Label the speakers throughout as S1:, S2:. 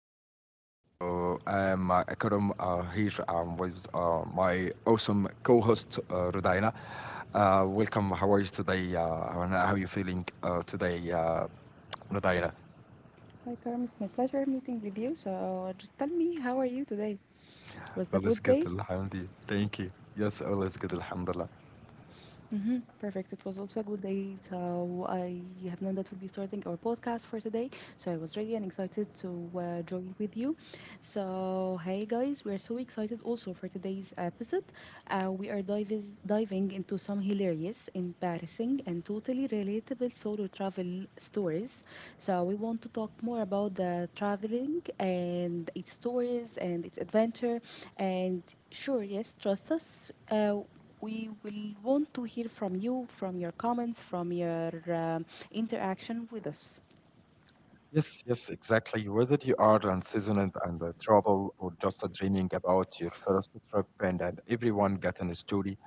S1: solo. I'm Akram here with my awesome co host, Rudaina. Welcome. How are you today? And how are you feeling today, Rudaina?
S2: Hi, Carmen, it's my pleasure meeting with you. So, just tell me, how are you today? Was it a
S1: All is
S2: good
S1: good,
S2: day?
S1: Alhamdulillah. Thank you. Yes, all is good, Alhamdulillah.
S2: Mm-hmm. Perfect. It was also a good day. So I have known that we'll be starting our podcast for today. So I was ready and excited to join with you. So hey guys, we are so excited also for today's episode. We are diving into some hilarious, embarrassing, and totally relatable solo travel stories. So we want to talk more about the traveling and its stories and its adventure and sure yes trust us we will want to hear from you, from your comments, from your interaction with us.
S1: Yes, yes, exactly. Whether you are unseasoned and travel or just dreaming about your first trip and everyone got a story.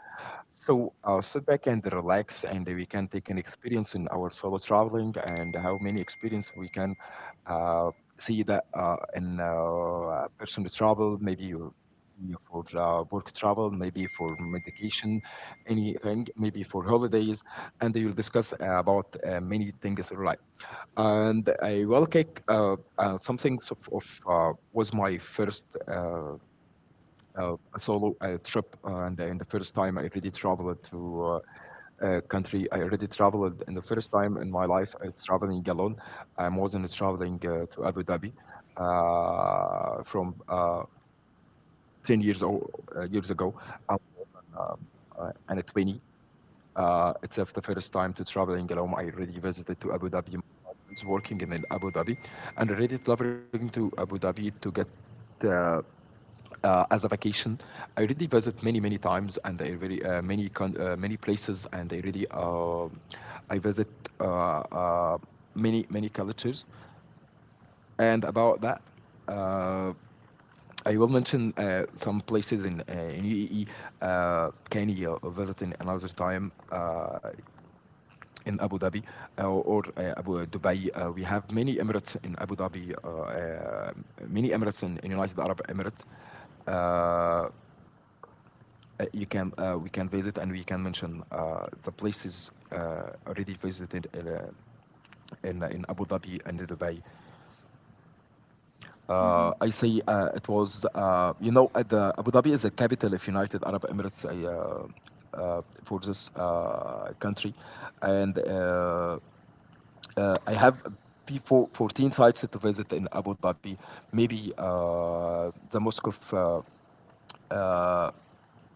S1: So sit back and relax, and we can take an experience in our solo traveling, and how many experience we can uh, see that in personal travel, maybe you for work travel, maybe for medication, anything, maybe for holidays, and we will discuss about many things. Right, and I will take something of was my first. Solo trip, and the first time I really traveled to country. I already traveled in the first time in my life I'm traveling alone. I wasn't traveling to Abu Dhabi from 10 years, old, years ago um, um, and at 20. It's the first time to traveling alone. I already visited to Abu Dhabi. I was working in Abu Dhabi and already traveling to Abu Dhabi to get uh, as a vacation. I already visit many many times and I really many many places and I really I visit uh, uh, many many cultures. And about that, uh, I will mention some places in UAE. Can you visit in another time in Abu Dhabi or Abu Dubai? We have many Emirates in Abu Dhabi, many Emirates in United Arab Emirates. Uh, you can we can visit and we can mention the places already visited in Abu Dhabi and Dubai.
S2: Mhm.
S1: I say it was you know, the Abu Dhabi is the capital of United Arab Emirates. For this country, and I have before 14 sites to visit in Abu Dhabi. Maybe uh,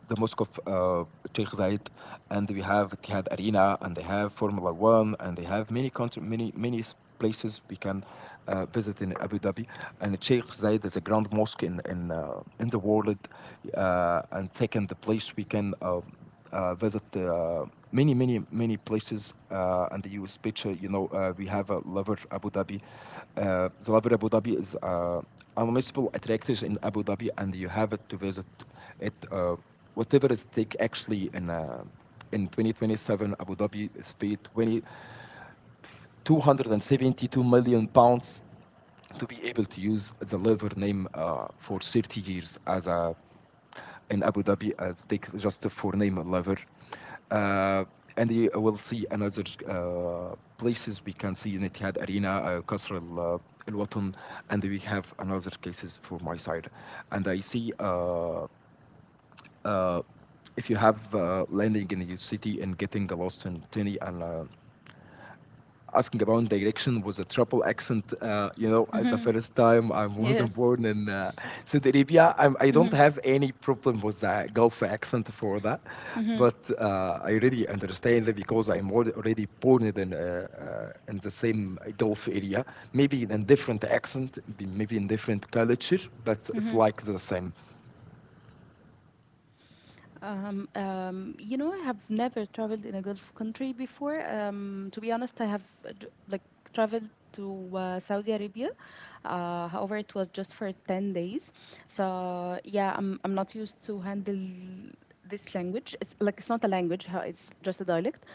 S1: the mosque of Sheikh Zayed, and we have Etihad Arena, and they have Formula One, and they have many country, many many places we can visit in Abu Dhabi. And Sheikh Zayed is a grand mosque in the world, and second the place we can. Visit many, many, many places, and you will speech. You know, we have Lover Abu Dhabi. The Lover Abu Dhabi is a municipal attraction in Abu Dhabi, and you have it to visit it. Whatever is take actually in 2027, Abu Dhabi is paid £272 million to be able to use the Lover name for 30 years as a in Abu Dhabi. Take just for name level. Uh, and you will see another places we can see in Etihad Arena, Qasr al Al Watan, and we have another cases for my side. And I see uh, if you have landing in your city and getting lost in Tini and asking about direction with a triple accent. You know, at the
S2: Mhm.
S1: first time I wasn't
S2: Yes.
S1: born in Saudi Arabia, I don't
S2: Mhm.
S1: have any problem with the Gulf accent for that.
S2: Mhm.
S1: But I really understand it because I'm already born in the same Gulf area, maybe in a different accent, maybe in different culture, but it's
S2: Mhm.
S1: like the same.
S2: You know, I have never traveled in a Gulf country before. To be honest, I have like traveled to Saudi Arabia. However, it was just for 10 days. So yeah, I'm not used to handle this language. It's like it's not a language. It's just a dialect.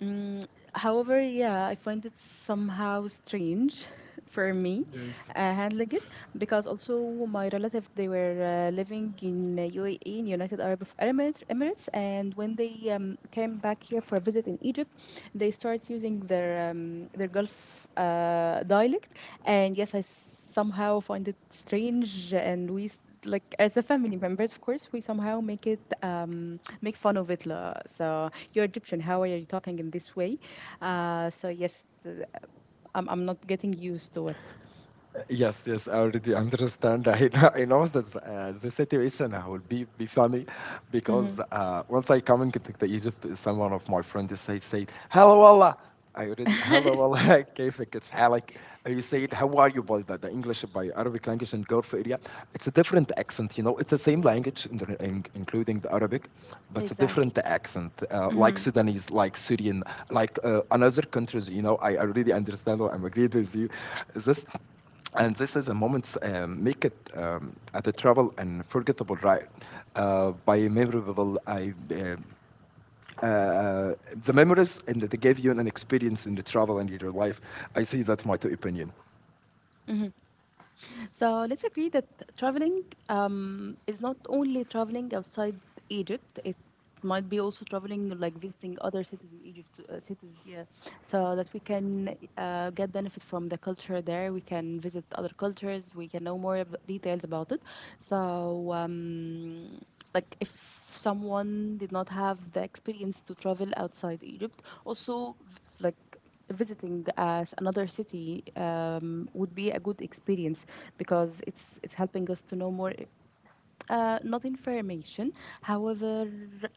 S2: Mm, however, yeah, I find it somehow strange for me
S1: Yes.
S2: handling it because also my relatives they were living in UAE, in United Arab of Emirates, Emirates, and when they came back here for a visit in Egypt, they started using their Gulf dialect, and yes, I somehow find it strange and like as a family members of course we somehow make it make fun of it la. So you're Egyptian, how are you talking in this way? So I'm not getting used to it.
S1: Yes, yes, I already understand. I know this, the situation will be funny because once I come into the Egypt, someone of my friends said, Hello, Allah. I already, hello,
S2: Mm-hmm.
S1: Allah, كيفك? It's Halak. You say it, how are you by the English, by Arabic language and Gulf area. It's a different accent, you know. It's the same language, including the Arabic, but it's a
S2: Exactly.
S1: different accent, like
S2: Hmm.
S1: Sudanese, like Syrian, like another countries, you know. I already understand, or I'm agreed with you. This and this is a moment make it at a travel and forgettable ride by memorable I. um, Uh, uh, the memories and that they gave you an experience in the travel and in your life. I say that my opinion.
S2: So let's agree that traveling is not only traveling outside Egypt. It might be also traveling, like visiting other cities in Egypt, cities, yeah, so that we can get benefit from the culture there. We can visit other cultures. We can know more details about it. So, like if someone did not have the experience to travel outside Egypt, also like visiting as another city would be a good experience because it's helping us to know more, not information, however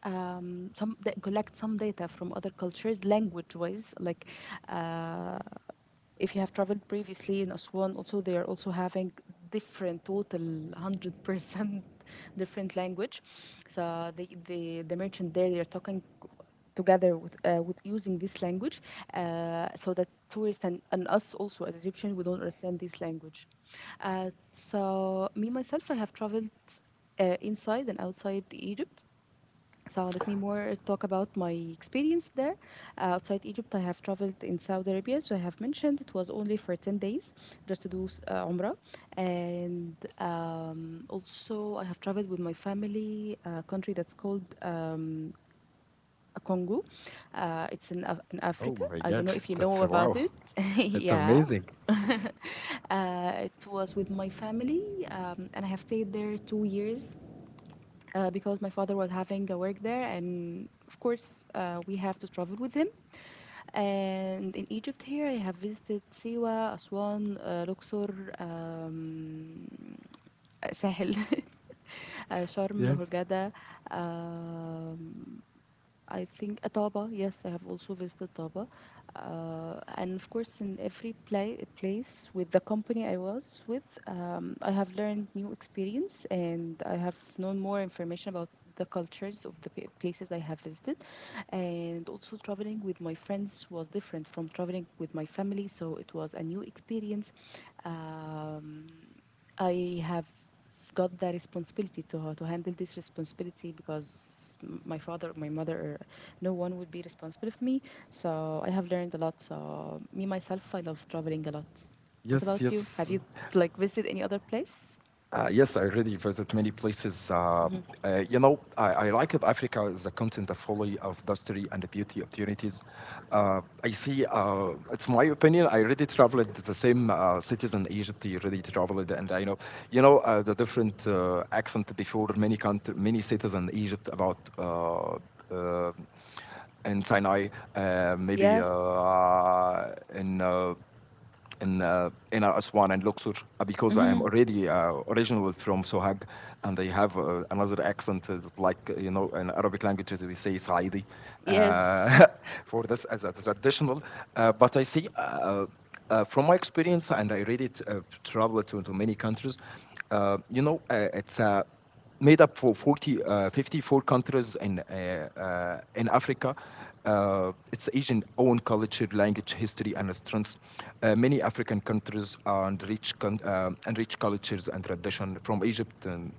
S2: some that collect some data from other cultures language wise like uh, if you have traveled previously in Aswan, also they are also having different total 100% different language. So the merchant there they are talking together with using this language, so that tourists and us also as Egyptians we don't understand this language. So me myself I have traveled inside and outside Egypt. So let me more talk about my experience there. Outside Egypt, I have traveled in Saudi Arabia. So I have mentioned it was only for 10 days just to do Umrah. And also, I have traveled with my family, a country that's called Congo. It's in, in
S1: Oh
S2: Africa.
S1: my
S2: I don't
S1: god,
S2: know if you
S1: that's
S2: know
S1: wow,
S2: about it.
S1: that's
S2: Yeah.
S1: amazing.
S2: It was with my family, and I have stayed there 2 years because my father was having a work there, and of course, we have to travel with him. And in Egypt, here, I have visited Siwa, Aswan, Luxor, um, Sahel, Sharm,
S1: Yes,
S2: Hurghada, um, I think Ataba. Yes, I have also visited Ataba. And of course, in every place with the company I was with, I have learned new experience and I have known more information about the cultures of the places I have visited. And also, traveling with my friends was different from traveling with my family, so it was a new experience. Um, I have got the responsibility to handle this responsibility because my father my mother no one would be responsible for me, so I have learned a lot. So me myself I love traveling a lot. What about you, have
S1: yes.
S2: you like visited any other place?
S1: Yes, I really visit many places.
S2: Hmm.
S1: You know, I like of Africa is a continent of fully of history and beauty opportunities. I see. It's my opinion. I already traveled to the same cities in Egypt. I already traveled, and I know, you know, the different accent before many country, many cities in Egypt about. Uh, in Sinai, maybe
S2: Yes.
S1: in uh, in Aswan and Luxor because I am
S2: Hmm.
S1: already originally from Sohag, and they have another accent like you know in Arabic languages we say Saidi
S2: Yes.
S1: uh, for this as a traditional. But I see. From my experience, and I read traveled to many countries, you know, it's a made up for 54 countries in Africa. Its Asian own culture, language, history, and strengths. Many African countries are enriched, and cultures and tradition from Egypt and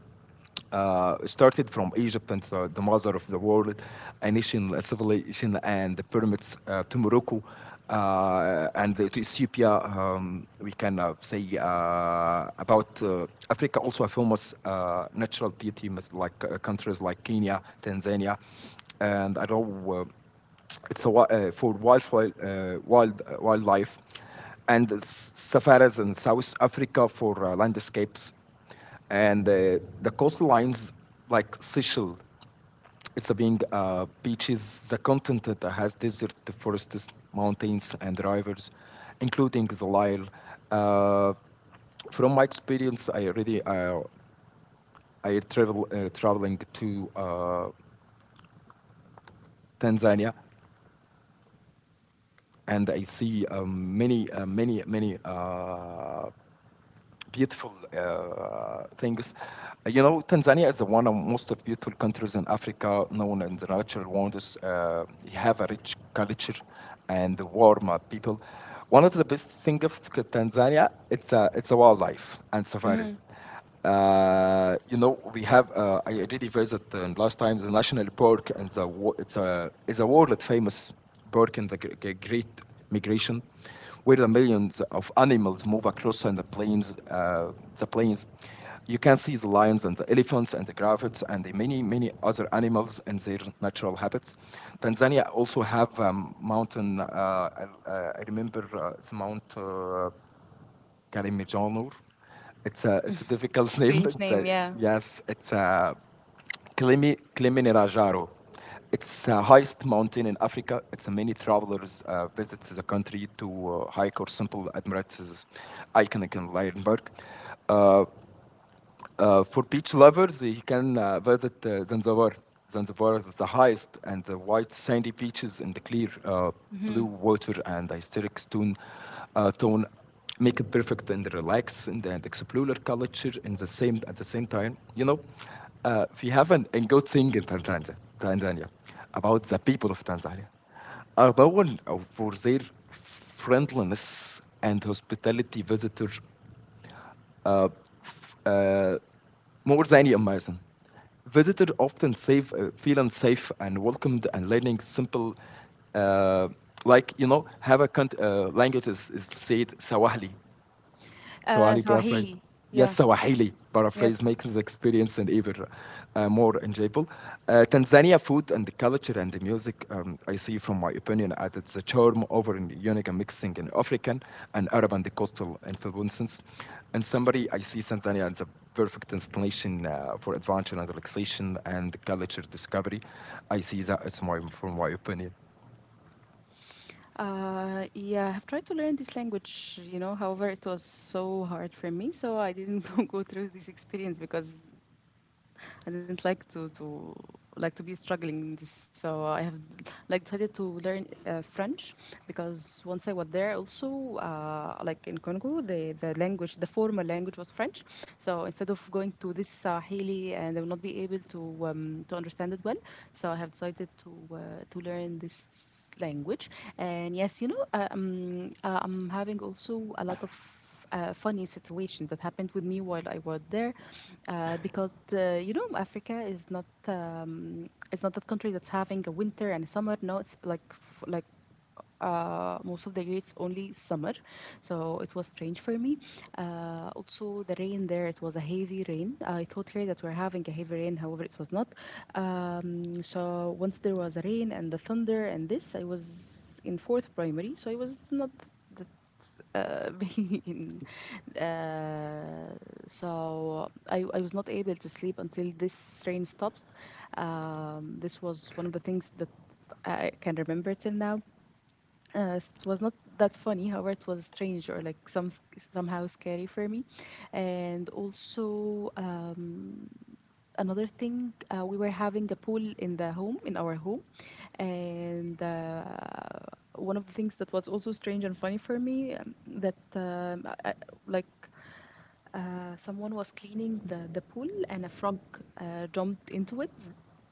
S1: started from Egypt and the mother of the world, a nation, a civilization, and the pyramids to Morocco and to Ethiopia. We can say about Africa also a famous natural beauty, like countries like Kenya, Tanzania, and I know. It's a, wi- for wild, wild wildlife and safaris in South Africa for landscapes and the coastlines like Seychelles, it's a being beaches, the continent that has desert, the forests, mountains, and rivers, including the Lyle. Uh, from my experience, I already I travel traveling to Tanzania, and I see many beautiful things. You know, Tanzania is one of the most beautiful countries in Africa, known in the natural wonders. You have a rich culture and warm people. One of the best things of it's a wildlife and
S2: Hmm.
S1: safaris. You know, we have. I already visited last time the national park, and the, it's a world famous Barking the Great Migration, where the millions of animals move across and the plains. You can see the lions and the elephants and the giraffes and the many, many other animals in their natural habitats. Tanzania also have mountain. I remember it's Mount Kilimanjaro. It's a difficult name.
S2: Strange name, yeah.
S1: Yes, it's a Klimi, Kilimanjaro. It's the highest mountain in Africa. It's a many travelers visit the country to hike or simple admire its iconic landmark. Uh, for beach lovers, you can visit Zanzibar. Zanzibar is the highest and the white sandy beaches and the clear
S2: Hmm.
S1: blue water and the historic stone tone make it perfect and and explore culture in the same at the same time. You know, we have an good thing in Tanzania about the people of Tanzania are known for their friendliness and hospitality visitor uh, more than you imagine. Visitors often feeling safe and welcomed and learning simple, uh, like, you know, have a language is said Sawahli. Swahili paraphrase.
S2: Swahili.
S1: Yes,
S2: Yeah.
S1: Swahili paraphrase
S2: Yes.
S1: makes the experience and even more enjoyable. Tanzania food and the culture and the music, I see from my opinion, added the charm over in unique mixing in African and Arab and the coastal influences. And summary, I see Tanzania as a perfect destination for adventure and relaxation and culture discovery. I see that as my, from my opinion.
S2: Yeah, I've tried to learn this language, you know, however, it was so hard for me, so I didn't go through this experience because I didn't like to like to be struggling in this, so I have like decided to learn French because once I was there, also like in Congo, the language, the formal language was French. So instead of going to this Sahili, and I will not be able to understand it well, so I have decided to learn this language. And yes, you know, I'm having also a lot of funny situations that happened with me while I was there. Because you know, Africa is not it's not that country that's having a winter and a summer. No, it's like like most of the year it's only summer, so it was strange for me. Also, the rain there, it was a heavy rain. I thought here that we're having a heavy rain, however, it was not. So once there was rain and the thunder and this, I was in fourth primary, so I was not uh, mean uh, so I was not able to sleep until this train stopped. This was one of the things that I can remember till now. It was not that funny, however, it was strange or like somehow scary for me, and also another thing, we were having a pool in the home in our home, and one of the things that was also strange and funny for me that like someone was cleaning the pool and a frog jumped into it.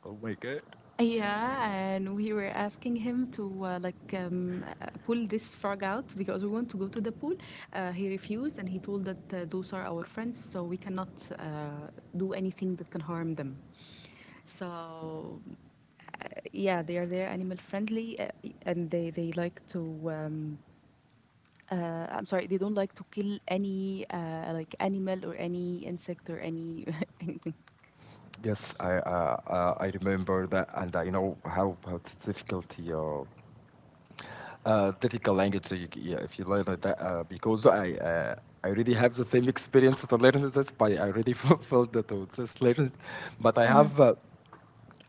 S1: Oh my God.
S2: Yeah, and we were asking him to like pull this frog out because we want to go to the pool. He refused, and he told that those are our friends, so we cannot uh, do anything that can harm them. So yeah, they are there, animal friendly, and they like to. I'm sorry, they don't like to kill any like animal or any insect or any anything.
S1: Yes, I remember that, and I know how it's difficulty difficult language. Yeah, if you learn it that, because I already have the same experience to learn this, but I already fulfilled that to just learn it. But
S2: Mhm.
S1: have uh,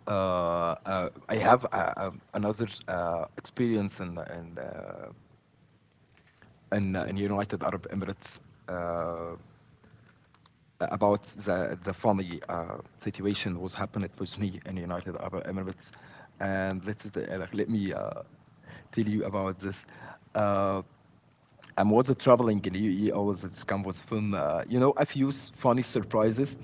S1: uh, uh, I have another experience in United Arab Emirates. Uh, about the funny situation was happened with me in United Arab Emirates, and let me tell you about this. Uh, I was traveling in UAE. I was at Scam was fun. A few funny surprises.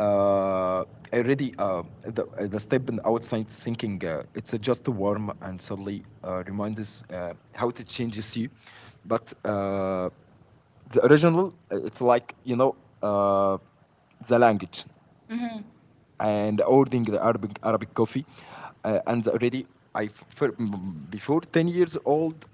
S1: Uh, Already, the step and outside thinking it's just warm, and suddenly reminds us how it changes you. But The original, it's like, uh, the language and ordering the Arabic coffee, and already I fir- before 10 years old.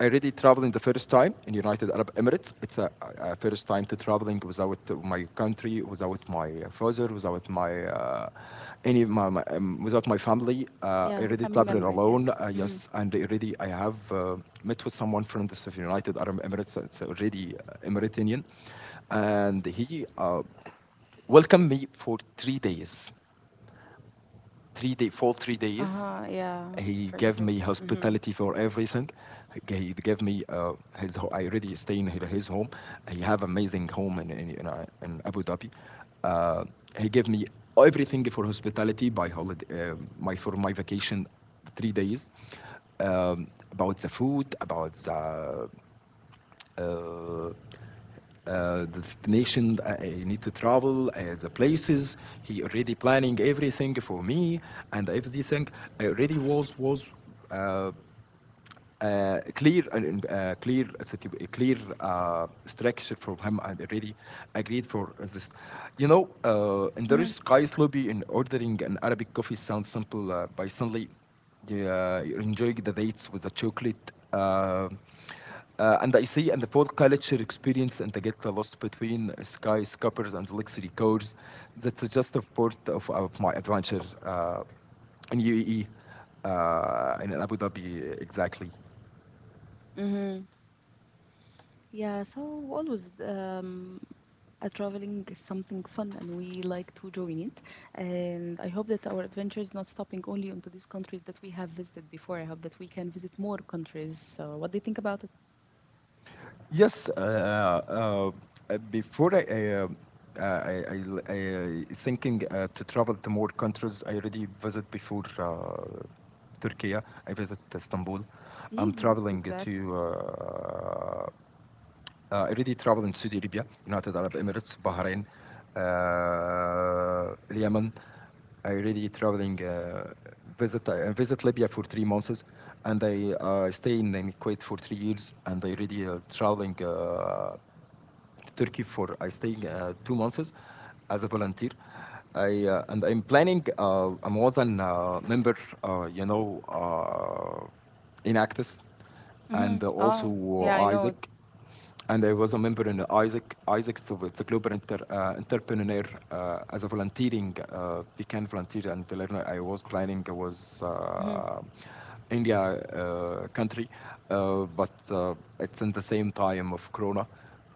S1: I already traveling the first time in United Arab Emirates. It's a first time to traveling without my country, without my father, without my without my family. I
S2: Yeah,
S1: already
S2: family
S1: traveling
S2: members. Yes.
S1: alone.
S2: Hmm.
S1: Yes, and already I have met with someone from the United Arab Emirates. It's already Emiratinian, and he welcomed me for three
S2: Uh
S1: days.
S2: huh. Yeah,
S1: He
S2: for the
S1: gave
S2: 1st.
S1: me hospitality for everything. He gave me his. I already stay in his home. He have amazing home in Abu Dhabi. Uh, he gave me everything for hospitality by holiday, my for my vacation, 3 days. About the food, about the destination I need to travel, the places. He already planning everything for me and everything. I already was uh, clear and a clear structure from him, and already agreed for this. You know, in the
S2: Mhm.
S1: Sky's lobby in ordering an Arabic coffee sounds simple, by suddenly you're enjoying the dates with the chocolate. And I see, and the fourth culture experience, and I get lost between skyscrapers and luxury cars. That's just a part of my adventure in UAE, in Abu Dhabi, exactly.
S2: Mhm. Yeah, so always a traveling is something fun and we like to join it. And I hope that our adventure is not stopping only onto these countries that we have visited before. I hope that we can visit more countries. So what do you think about it?
S1: Yes, before uh, I, I, I I thinking to travel to more countries. I already visit before Turkey. I visit Istanbul. I'm
S2: Yeah,
S1: traveling
S2: exactly.
S1: to I already traveled in Saudi Arabia, United Arab Emirates, Bahrain, Yemen. I already traveling visit I visit Libya for 3 months, and I stay in Kuwait for 3 years, and I already traveling Turkey for I staying 2 months as a volunteer. I And I'm planning. I was an member, uh, you know, uh, in Actis,
S2: Mm-hmm.
S1: and
S2: Oh,
S1: also
S2: yeah, I know it.
S1: Isaac,
S2: Mm-hmm.
S1: and I was a member in Isaac. Isaac, so it's a global entrepreneur as a volunteering. We can volunteer and learn. I was planning was
S2: Mm-hmm.
S1: India country, but it's in the same time of Corona.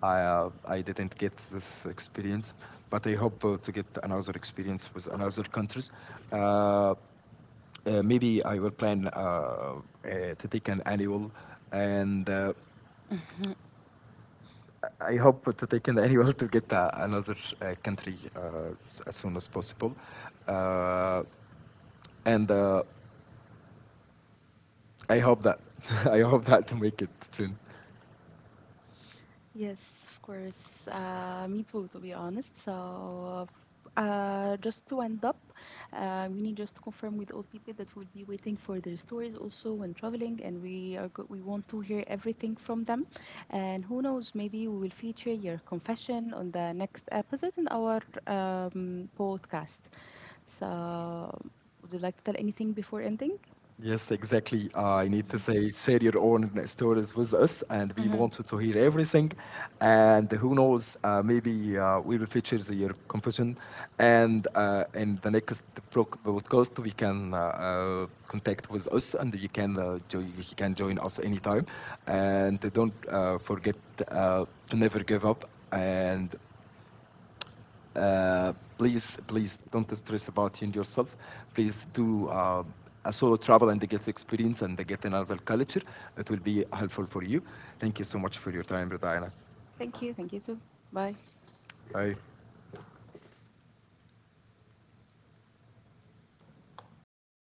S1: I didn't get this experience, but I hope to get another experience with another countries. Uh, Maybe I will plan to take an annual, and I hope to take an annual to get another country as soon as possible, uh, and I hope that I hope that to make it soon.
S2: Yes, of course. Me too, to be honest. So, just to end up, we need just to confirm with all people that we'll be waiting for their stories also when traveling, and we want to hear everything from them. And who knows, maybe we will feature your confession on the next episode in our podcast. So, would you like to tell anything before ending?
S1: Yes, exactly. I need
S2: Mhm.
S1: to say, share your own stories with us, and we
S2: Mhm.
S1: wanted to hear everything. And who knows, maybe we will feature your confession. And in the next podcast, we can contact with us, and you can you can join us anytime. And don't forget uh, to never give up. And uh, please, please don't stress about it yourself. Please do a solo travel and get experience and get another culture. It will be helpful for you. Thank you so much for your time, Brother Ayla.
S2: Thank you. Thank you too. Bye.
S1: Bye.